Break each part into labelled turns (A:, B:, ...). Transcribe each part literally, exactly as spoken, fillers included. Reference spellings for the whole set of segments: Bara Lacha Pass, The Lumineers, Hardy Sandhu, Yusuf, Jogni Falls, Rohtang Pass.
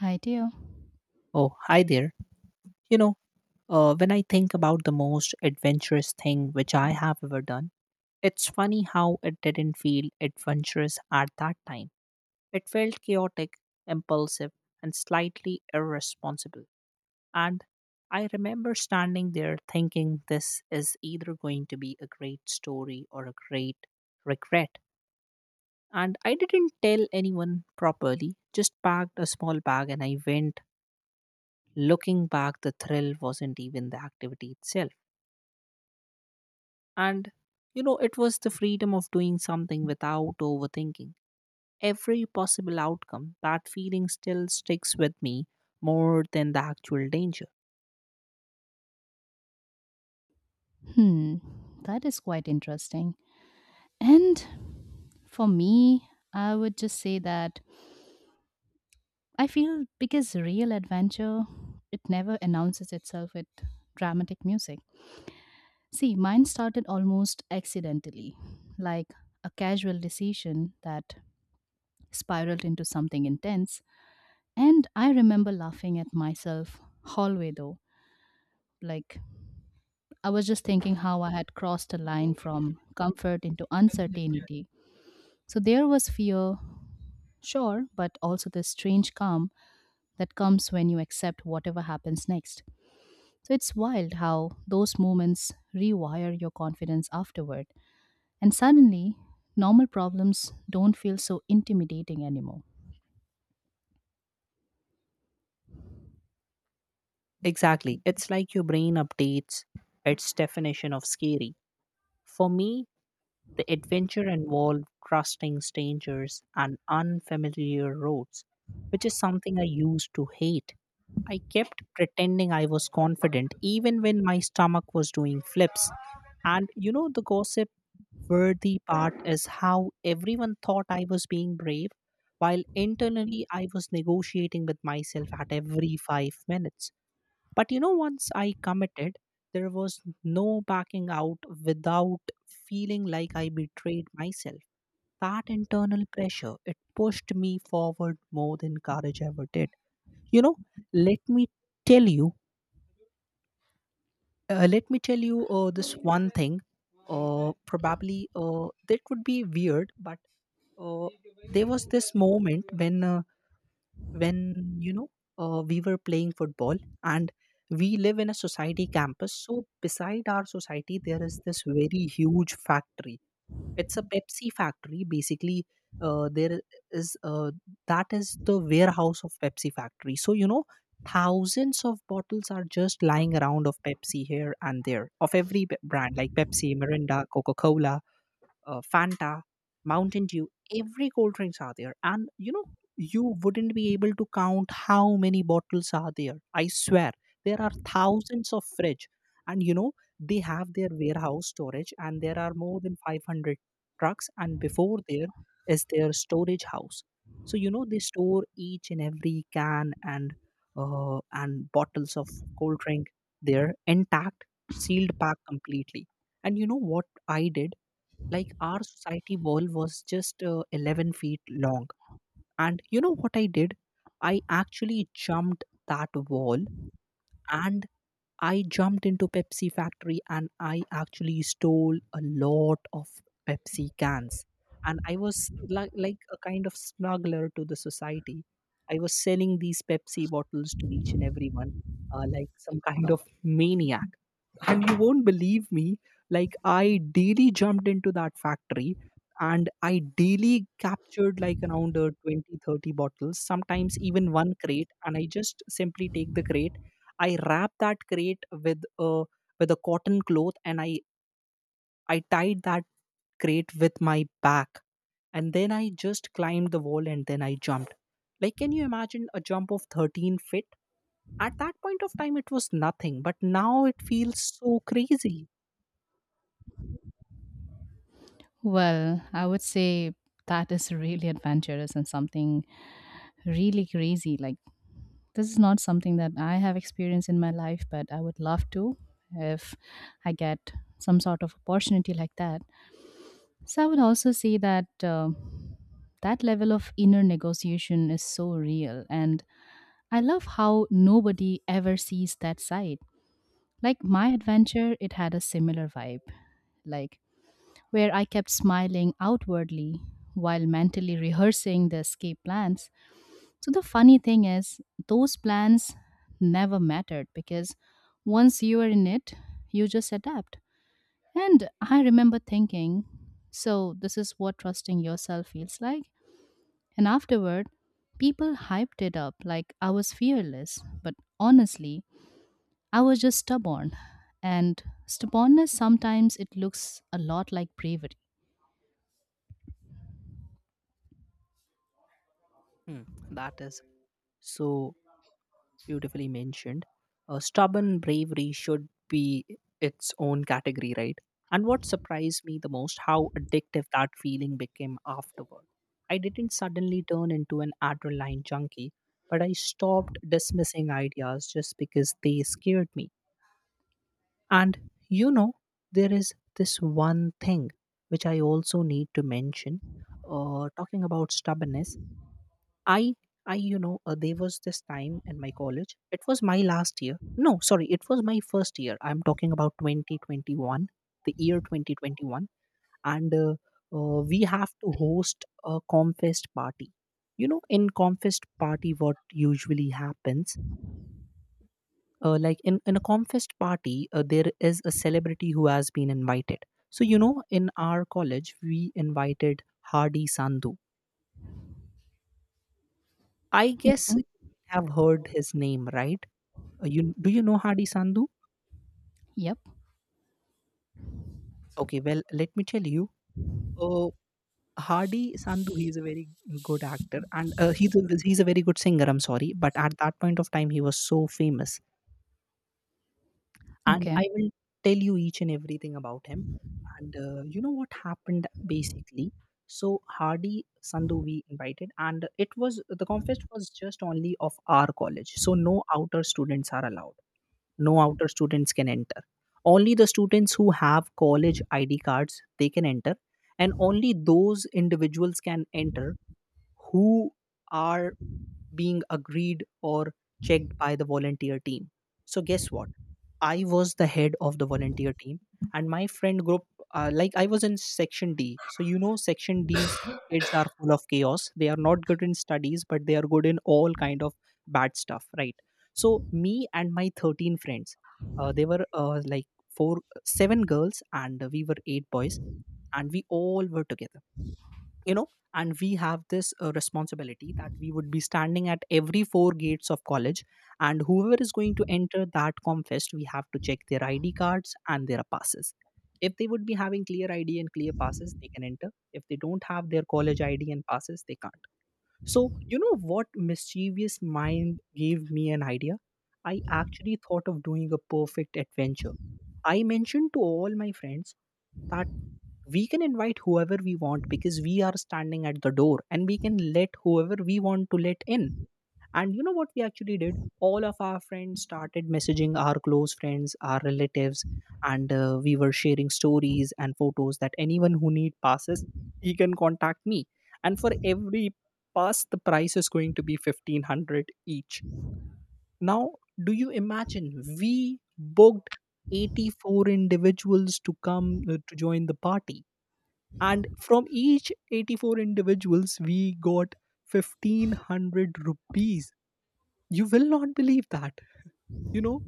A: I do.
B: Oh, hi there. You know, uh, when I think about the most adventurous thing which I have ever done, it's funny how it didn't feel adventurous at that time. It felt chaotic, impulsive, and slightly irresponsible. And I remember standing there thinking this is either going to be a great story or a great regret. And I didn't tell anyone properly, just packed a small bag and I went. Looking back, the thrill wasn't even the activity itself. And, you know, it was the freedom of doing something without overthinking. Every possible outcome, that feeling still sticks with me more than the actual danger.
A: Hmm, that is quite interesting. And for me, I would just say that I feel because real adventure, it never announces itself with dramatic music. See, mine started almost accidentally, like a casual decision that spiraled into something intense. And I remember laughing at myself hallway though. Like I was just thinking how I had crossed a line from comfort into uncertainty. So there was fear, sure, but also the strange calm that comes when you accept whatever happens next. So it's wild how those moments rewire your confidence afterward. And suddenly, normal problems don't feel so intimidating anymore.
B: Exactly. It's like your brain updates its definition of scary. For me, the adventure involved trusting strangers and unfamiliar roads, which is something I used to hate. I kept pretending I was confident even when my stomach was doing flips. And you know, the gossip worthy part is how everyone thought I was being brave, while internally I was negotiating with myself at every five minutes. But you know, once I committed, there was no backing out without feeling like I betrayed myself. That internal pressure, it pushed me forward more than courage ever did. You know, let me tell you, uh, let me tell you uh, this one thing. Uh, probably uh, that would be weird, but uh, there was this moment when uh, when you know uh, we were playing football, and we live in a society campus. So beside our society there is this very huge factory. It's a Pepsi factory basically. Uh, there is uh, that is the warehouse of Pepsi factory. So you know, thousands of bottles are just lying around of Pepsi here and there, of every b- brand like Pepsi, Mirinda, Coca-Cola, uh, Fanta, Mountain Dew. Every cold drinks are there. And you know, you wouldn't be able to count how many bottles are there. I swear, there are thousands of fridge. And you know, they have their warehouse storage and there are more than five hundred trucks. And before there is their storage house. So, you know, they store each and every can and uh, and bottles of cold drink there intact, sealed pack completely. And you know what I did? Like our society wall was just uh, eleven feet long. And you know what I did? I actually jumped that wall, and I jumped into Pepsi factory and I actually stole a lot of Pepsi cans. And I was like, like a kind of smuggler to the society. I was selling these Pepsi bottles to each and everyone, uh, like some kind of maniac. And you won't believe me, like I daily jumped into that factory, and I daily captured like around uh, twenty, thirty bottles, sometimes even one crate. And I just simply take the crate, I wrap that crate with a with a cotton cloth, and i i tied that crate with my back, and then I just climbed the wall and then I jumped. Like, can you imagine a jump of thirteen feet? At that point of time it was nothing, but now it feels so crazy.
A: Well, I would say that is really adventurous and something really crazy. Like, this is not something that I have experienced in my life, but I would love to if I get some sort of opportunity like that. So I would also say that uh, that level of inner negotiation is so real, and I love how nobody ever sees that side. Like my adventure, it had a similar vibe, like where I kept smiling outwardly while mentally rehearsing the escape plans. So the funny thing is, those plans never mattered because once you are in it, you just adapt. And I remember thinking, so this is what trusting yourself feels like. And afterward, people hyped it up like I was fearless, but honestly, I was just stubborn. And stubbornness sometimes it looks a lot like bravery.
B: Hmm, that is so beautifully mentioned. Uh, stubborn bravery should be its own category, right? And what surprised me the most, how addictive that feeling became afterward. I didn't suddenly turn into an adrenaline junkie, but I stopped dismissing ideas just because they scared me. And you know, there is this one thing which I also need to mention. Uh, talking about stubbornness, I, I, you know, uh, there was this time in my college. It was my last year. No, sorry, it was my first year. I'm talking about twenty twenty-one, the year twenty twenty-one, and uh, uh, we have to host a Comfest party. You know, in Comfest party, what usually happens, uh, like in in a Comfest party, uh, there is a celebrity who has been invited. So you know, in our college, we invited Hardy Sandhu. I guess you
A: Mhm.
B: have heard his name, right? Uh, you do you know Hardy Sandhu?
A: Yep.
B: Okay, well, let me tell you. Uh, Hardy Sandhu, he's a very good actor, and uh, he's a, he's a very good singer. I'm sorry, but at that point of time, he was so famous, and
A: Okay.
B: I will tell you each and everything about him. And uh, you know what happened basically? So Hardy Sandhu we invited, and it was the conference was just only of our college, so no outer students are allowed. No outer students can enter, only the students who have college ID cards, they can enter. And only those individuals can enter who are being agreed or checked by the volunteer team. So guess what, I was the head of the volunteer team, and my friend group, uh, like I was in section D. So, you know, section D's kids are full of chaos. They are not good in studies, but they are good in all kind of bad stuff, right? So, me and my thirteen friends, uh, they were uh, like four, seven girls, and we were eight boys, and we all were together, you know. And we have this uh, responsibility that we would be standing at every four gates of college, and whoever is going to enter that comfest, we have to check their ID cards and their passes. If they would be having clear ID and clear passes, they can enter. If they don't have their college ID and passes, they can't. So, you know what, mischievous mind gave me an idea. I actually thought of doing a perfect adventure. I mentioned to all my friends that we can invite whoever we want, because we are standing at the door and we can let whoever we want to let in. And you know what we actually did, all of our friends started messaging our close friends, our relatives, and uh, we were sharing stories and photos that anyone who need passes, he can contact me. And for every pass the price is going to be fifteen hundred each. Now, do you imagine, we booked eighty-four individuals to come uh, to join the party, and from each eighty-four individuals we got fifteen hundred rupees. You will not believe that, you know.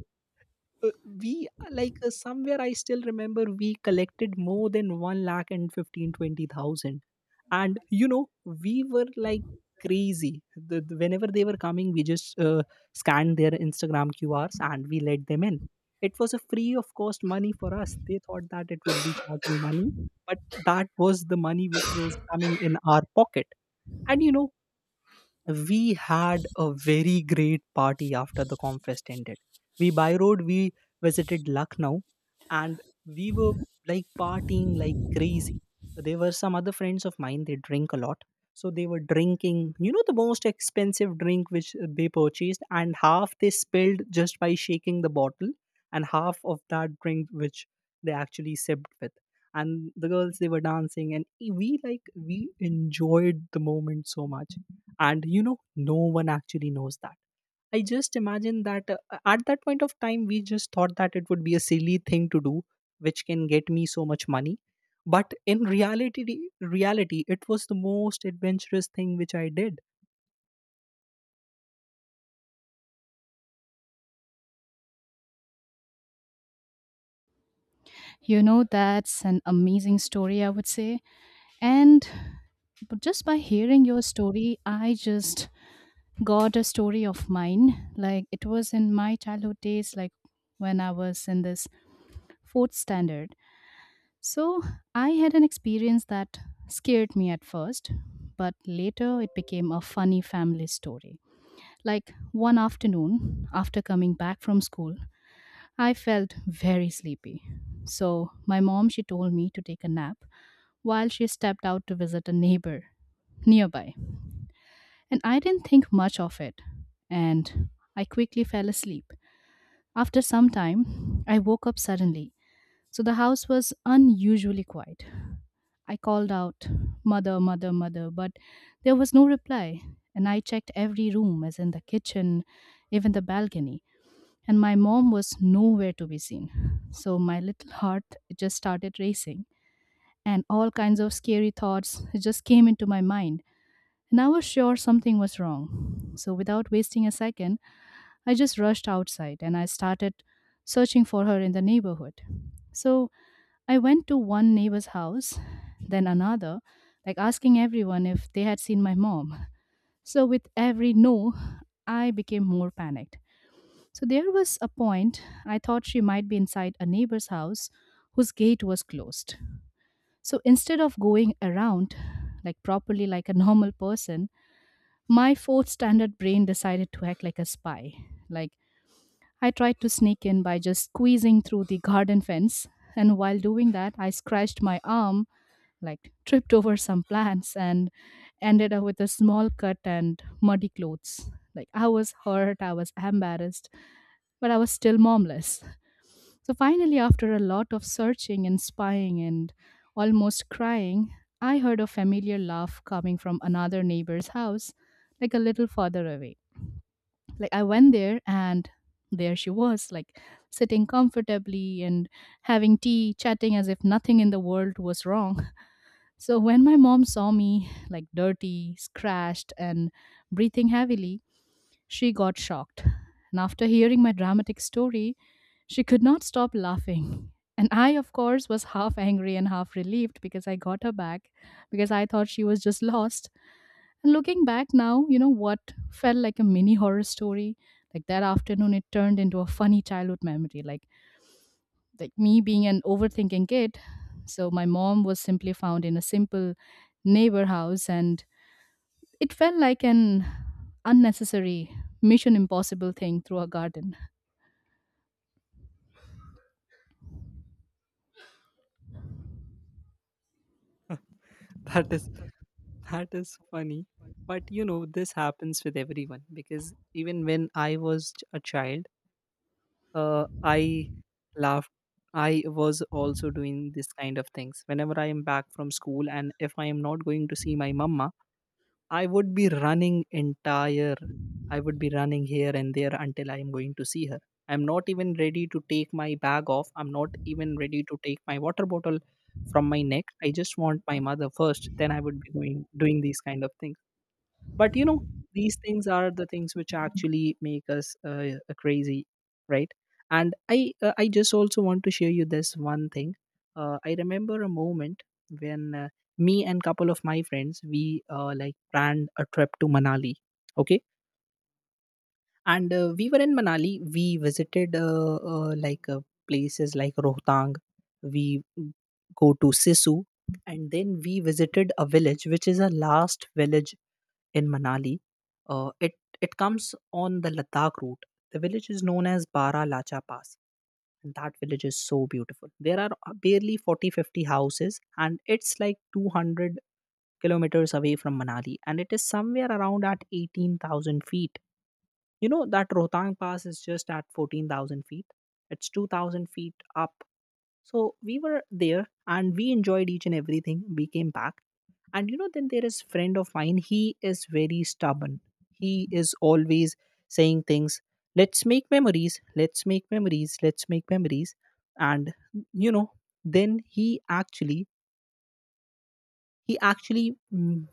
B: Uh, we like uh, somewhere I still remember we collected more than one lakh and fifteen twenty thousand, and you know we were like crazy. The, the- whenever they were coming, we just uh, scanned their Instagram Q Rs and we let them in. It was a free of cost money for us. They thought that it would be charging money, but that was the money which was coming in our pocket. And you know, we had a very great party. After the confest ended, we by road we visited Lucknow, and we were like partying like crazy. There were some other friends of mine, they drink a lot, so they were drinking, you know, the most expensive drink which they purchased, and half they spilled just by shaking the bottle, and half of that drink which they actually sipped with. And the girls, they were dancing, and we like we enjoyed the moment so much. And you know, no one actually knows that. I just imagine that uh, at that point of time we just thought that it would be a silly thing to do which can get me so much money, but in reality, reality it was the most adventurous thing which I did.
A: You know, that's an amazing story, I would say. And but just by hearing your story, I just got a story of mine. Like it was in my childhood days, like when I was in this fourth standard. So I had an experience that scared me at first, but later it became a funny family story. Like one afternoon, after coming back from school, I felt very sleepy. So my mom, she told me to take a nap while she stepped out to visit a neighbor nearby. And I didn't think much of it, and I quickly fell asleep. After some time, I woke up suddenly, so the house was unusually quiet. I called out, "Mother, Mother, Mother," but there was no reply, and I checked every room, as in the kitchen, even the balcony, and my mom was nowhere to be seen. So my little heart just started racing, and all kinds of scary thoughts just came into my mind and I was sure something was wrong. So, without wasting a second, I just rushed outside and I started searching for her in the neighborhood. So, I went to one neighbor's house, then another, like asking everyone if they had seen my mom. So, with every no, I became more panicked. So, there was a point I thought she might be inside a neighbor's house whose gate was closed. So, instead of going around, like properly like a normal person, my fourth standard brain decided to act like a spy. Like, I tried to sneak in by just squeezing through the garden fence, and while doing that, I scratched my arm, like, tripped over some plants, and ended up with a small cut and muddy clothes. Like, I was hurt, I was embarrassed, but I was still momless. So, finally, after a lot of searching and spying and almost crying, I heard a familiar laugh coming from another neighbor's house, like a little farther away. Like I went there and there she was, like sitting comfortably and having tea, chatting as if nothing in the world was wrong. So when my mom saw me like dirty, scratched and breathing heavily, she got shocked. And after hearing my dramatic story, she could not stop laughing. And I, of course, was half angry and half relieved because I got her back because I thought she was just lost. And looking back now, you know what felt like a mini horror story. Like that afternoon, it turned into a funny childhood memory. Like like me being an overthinking kid, so my mom was simply found in a simple neighbor house, and it felt like an unnecessary mission impossible thing through a garden.
B: That is, that is funny, but you know this happens with everyone, because even when I was a child, uh, I laughed. I was also doing this kind of things. Whenever I am back from school and if I am not going to see my mama, I would be running entire, I would be running here and there until I am going to see her. I'm not even ready to take my bag off. I'm not even ready to take my water bottle from my neck. I just want my mother first. Then I would be going doing these kind of things. But you know, these things are the things which actually make us uh, crazy, right? And i uh, I just also want to share you this one thing. uh, I remember a moment when uh, me and couple of my friends we uh, like planned a trip to Manali, okay? And uh, we were in Manali, we visited uh, uh, like uh, places like Rohtang, we go to Sisu, and then we visited a village which is a last village in Manali. Uh, it it comes on the Ladakh route. The village is known as Bara Lacha Pass, and that village is so beautiful. There are uh, barely forty fifty houses, and it's like two hundred kilometers away from Manali, and it is somewhere around at eighteen thousand feet. You know that Rohtang Pass is just at fourteen thousand feet. It's two thousand feet up so we were there and we enjoyed each and everything. We came back. And you know, then there is friend of mine. He is very stubborn. He is always saying things. Let's make memories. Let's make memories. Let's make memories. And you know, then he actually he actually mm,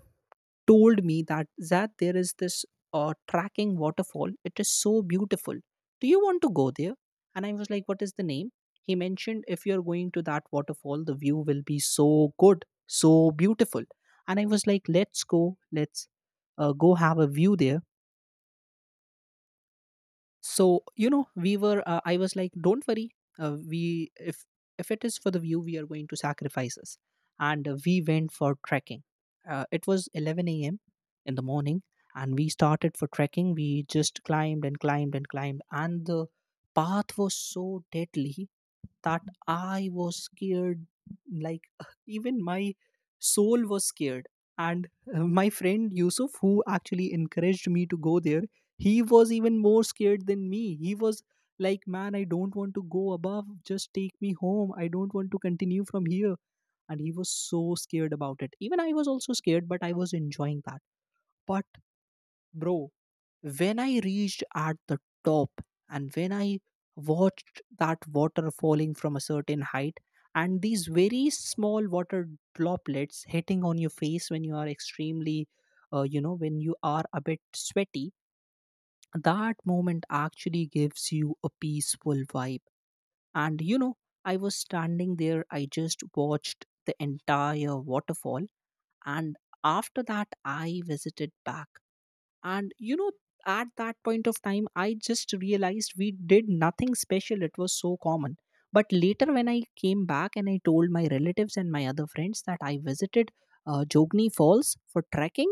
B: told me that that there is this uh, tracking waterfall. It is so beautiful. Do you want to go there? And I was like, What is the name? He mentioned if you're going to that waterfall, the view will be so good, so beautiful. And I was like, Let's go, let's uh, go have a view there. So, you know we were, uh, I was like, don't worry. uh, we if if it is for the view, we are going to sacrifice this. And uh, we went for trekking. Uh, it was eleven a m. in the morning, and we started for trekking. We just climbed and climbed and climbed, and the path was so deadly that I was scared. Like, even my soul was scared. And uh, my friend Yusuf, who actually encouraged me to go there, he was even more scared than me. He was like, Man, I don't want to go above. Just take me home. I don't want to continue from here. And he was so scared about it. Even I was also scared, but I was enjoying that. But, bro, when I reached at the top, and when I watched that water falling from a certain height, and these very small water droplets hitting on your face when you are extremely, uh, you know when you are a bit sweaty, that moment actually gives you a peaceful vibe. And, you know I was standing there. I just watched the entire waterfall. And after that, I visited back. And, you know, at that point of time, I just realized we did nothing special. It was so common. But later, when I came back and I told my relatives and my other friends that I visited uh, Jogni Falls for trekking,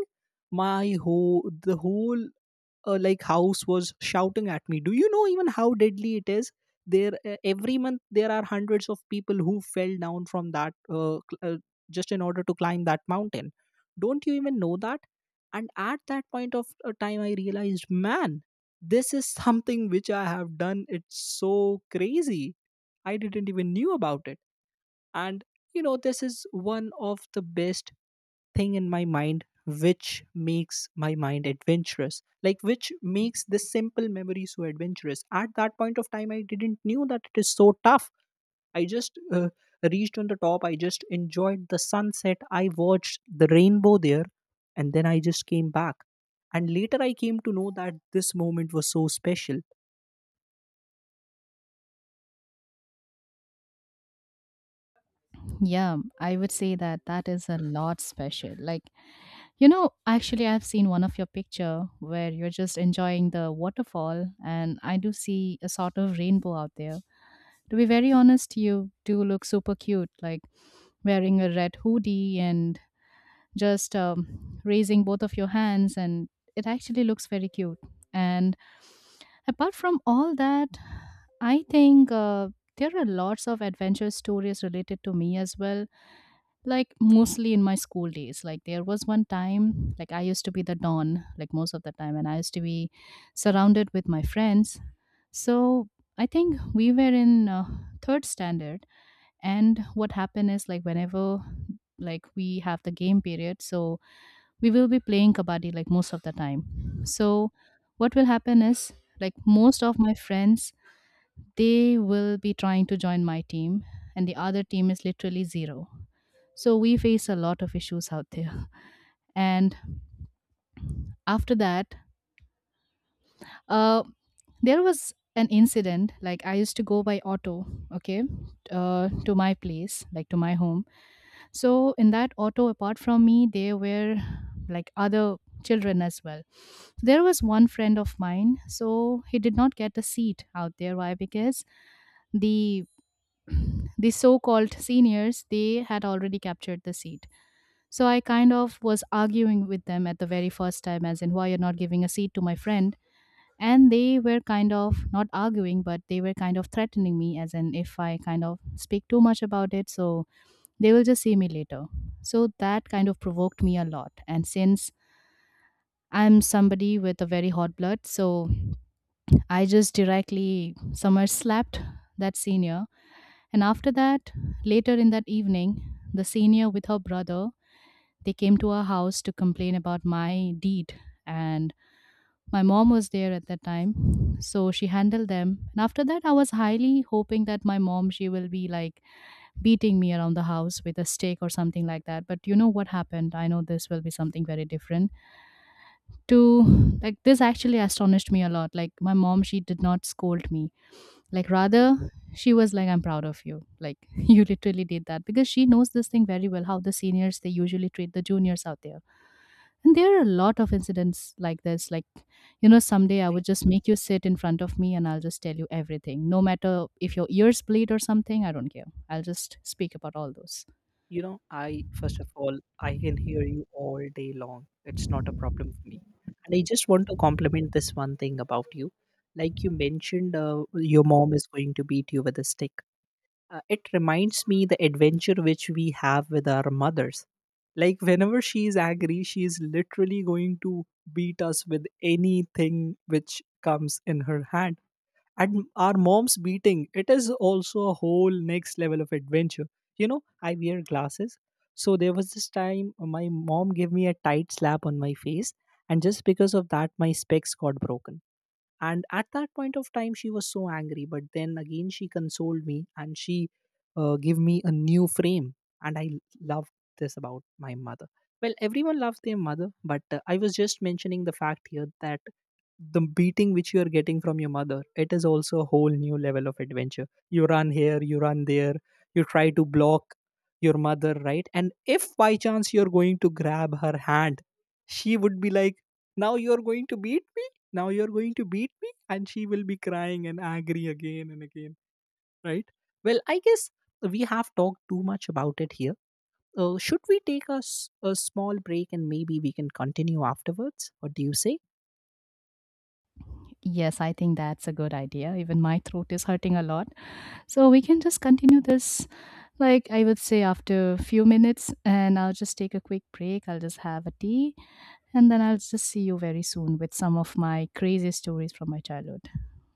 B: my whole the whole uh, like house was shouting at me. Do you know even how deadly it is there? Uh, every month there are hundreds of people who fell down from that, uh, cl- uh, just in order to climb that mountain. Don't you even know that? And at that point of uh, time, I realized, Man, this is something which I have done. It's so crazy. I didn't even knew about it. And, you know this is one of the best thing in my mind which makes my mind adventurous, like, which makes this simple memory so adventurous. At that point of time, I didn't knew that it is so tough. I just uh, reached on the top. I just enjoyed the sunset. I watched the rainbow there. And then I just came back. And later, I came to know that this moment was so special.
A: Yeah, I would say that that is a lot special. Like you know, actually, I've seen one of your picture where you're just enjoying the waterfall, and I do see a sort of rainbow out there. To be very honest, you do look super cute, like wearing a red hoodie and just um, raising both of your hands, and it actually looks very cute. And apart from all that, I think uh, there are lots of adventure stories related to me as well, like mostly in my school days. Like, there was one time, like, I used to be the don, like, most of the time, and I used to be surrounded with my friends. So, I think we were in uh, third standard, and what happened is like whenever like we have the game period, so we will be playing kabaddi like most of the time. So what will happen is like most of my friends, they will be trying to join my team and the other team is literally zero, so we face a lot of issues out there. And after that, uh, there was an incident like I used to go by auto. Okay, uh, to my place, like to my home. So in that auto, apart from me, there were like other children as well. There was one friend of mine, so he did not get a seat out there. Why? Because the the so-called seniors they had already captured the seat. So I kind of was arguing with them at the very first time, as in why you're not giving a seat to my friend. And they were kind of not arguing, but they were kind of threatening me, as in if I kind of speak too much about it, so they will just see me later. So that kind of provoked me a lot. And since I'm somebody with a very hot blood, so I just directly somewhere slapped that senior. And after that, later in that evening, the senior with her brother, they came to our house to complain about my deed. And my mom was there at that time. So she handled them. And after that, I was highly hoping that my mom, she will be like, beating me around the house with a stick or something like that. But you know what happened? I know this will be something very different. To like this actually astonished me a lot. Like my mom, she did not scold me. Like rather she was like, I'm proud of you. Like you literally did that because she knows this thing very well, how the seniors they usually treat the juniors out there. And there are a lot of incidents like this. Like, you know, someday I would just make you sit in front of me and I'll just tell you everything. No matter if your ears bleed or something, I don't care. I'll just speak about all those.
B: You know, I First of all, I can hear you all day long. It's not a problem for me. And I just want to compliment this one thing about you. Like you mentioned, uh, your mom is going to beat you with a stick. Uh, it reminds me the adventure which we have with our mothers. Like whenever she is angry, she is literally going to beat us with anything which comes in her hand. And our mom's beating, it is also a whole next level of adventure. You know, I wear glasses. So there was this time, uh, my mom gave me a tight slap on my face, and just because of that, my specs got broken. And at that point of time, she was so angry. But then again, she consoled me, and she uh, gave me a new frame. And I loved this about my mother. Well, everyone loves their mother, but uh, I was just mentioning the fact here that the beating which you are getting from your mother, it is also a whole new level of adventure. You run here, you run there, you try to block your mother, right? And if by chance you're going to grab her hand, she would be like, Now you're going to beat me? Now you're going to beat me? And she will be crying and angry again and again, right? Well, I guess we have talked too much about it here. Uh, should we take a, s- a small break, and maybe we can continue afterwards? What do you say?
A: Yes, I think that's a good idea. Even my throat is hurting a lot. So we can just continue this, like I would say, after a few minutes, and I'll just take a quick break. I'll just have a tea, and then I'll just see you very soon with some of my crazy stories from my childhood.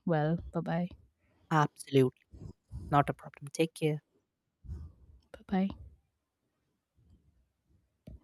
A: Well, bye bye.
B: Absolutely. Not a problem. Take care.
A: Bye bye.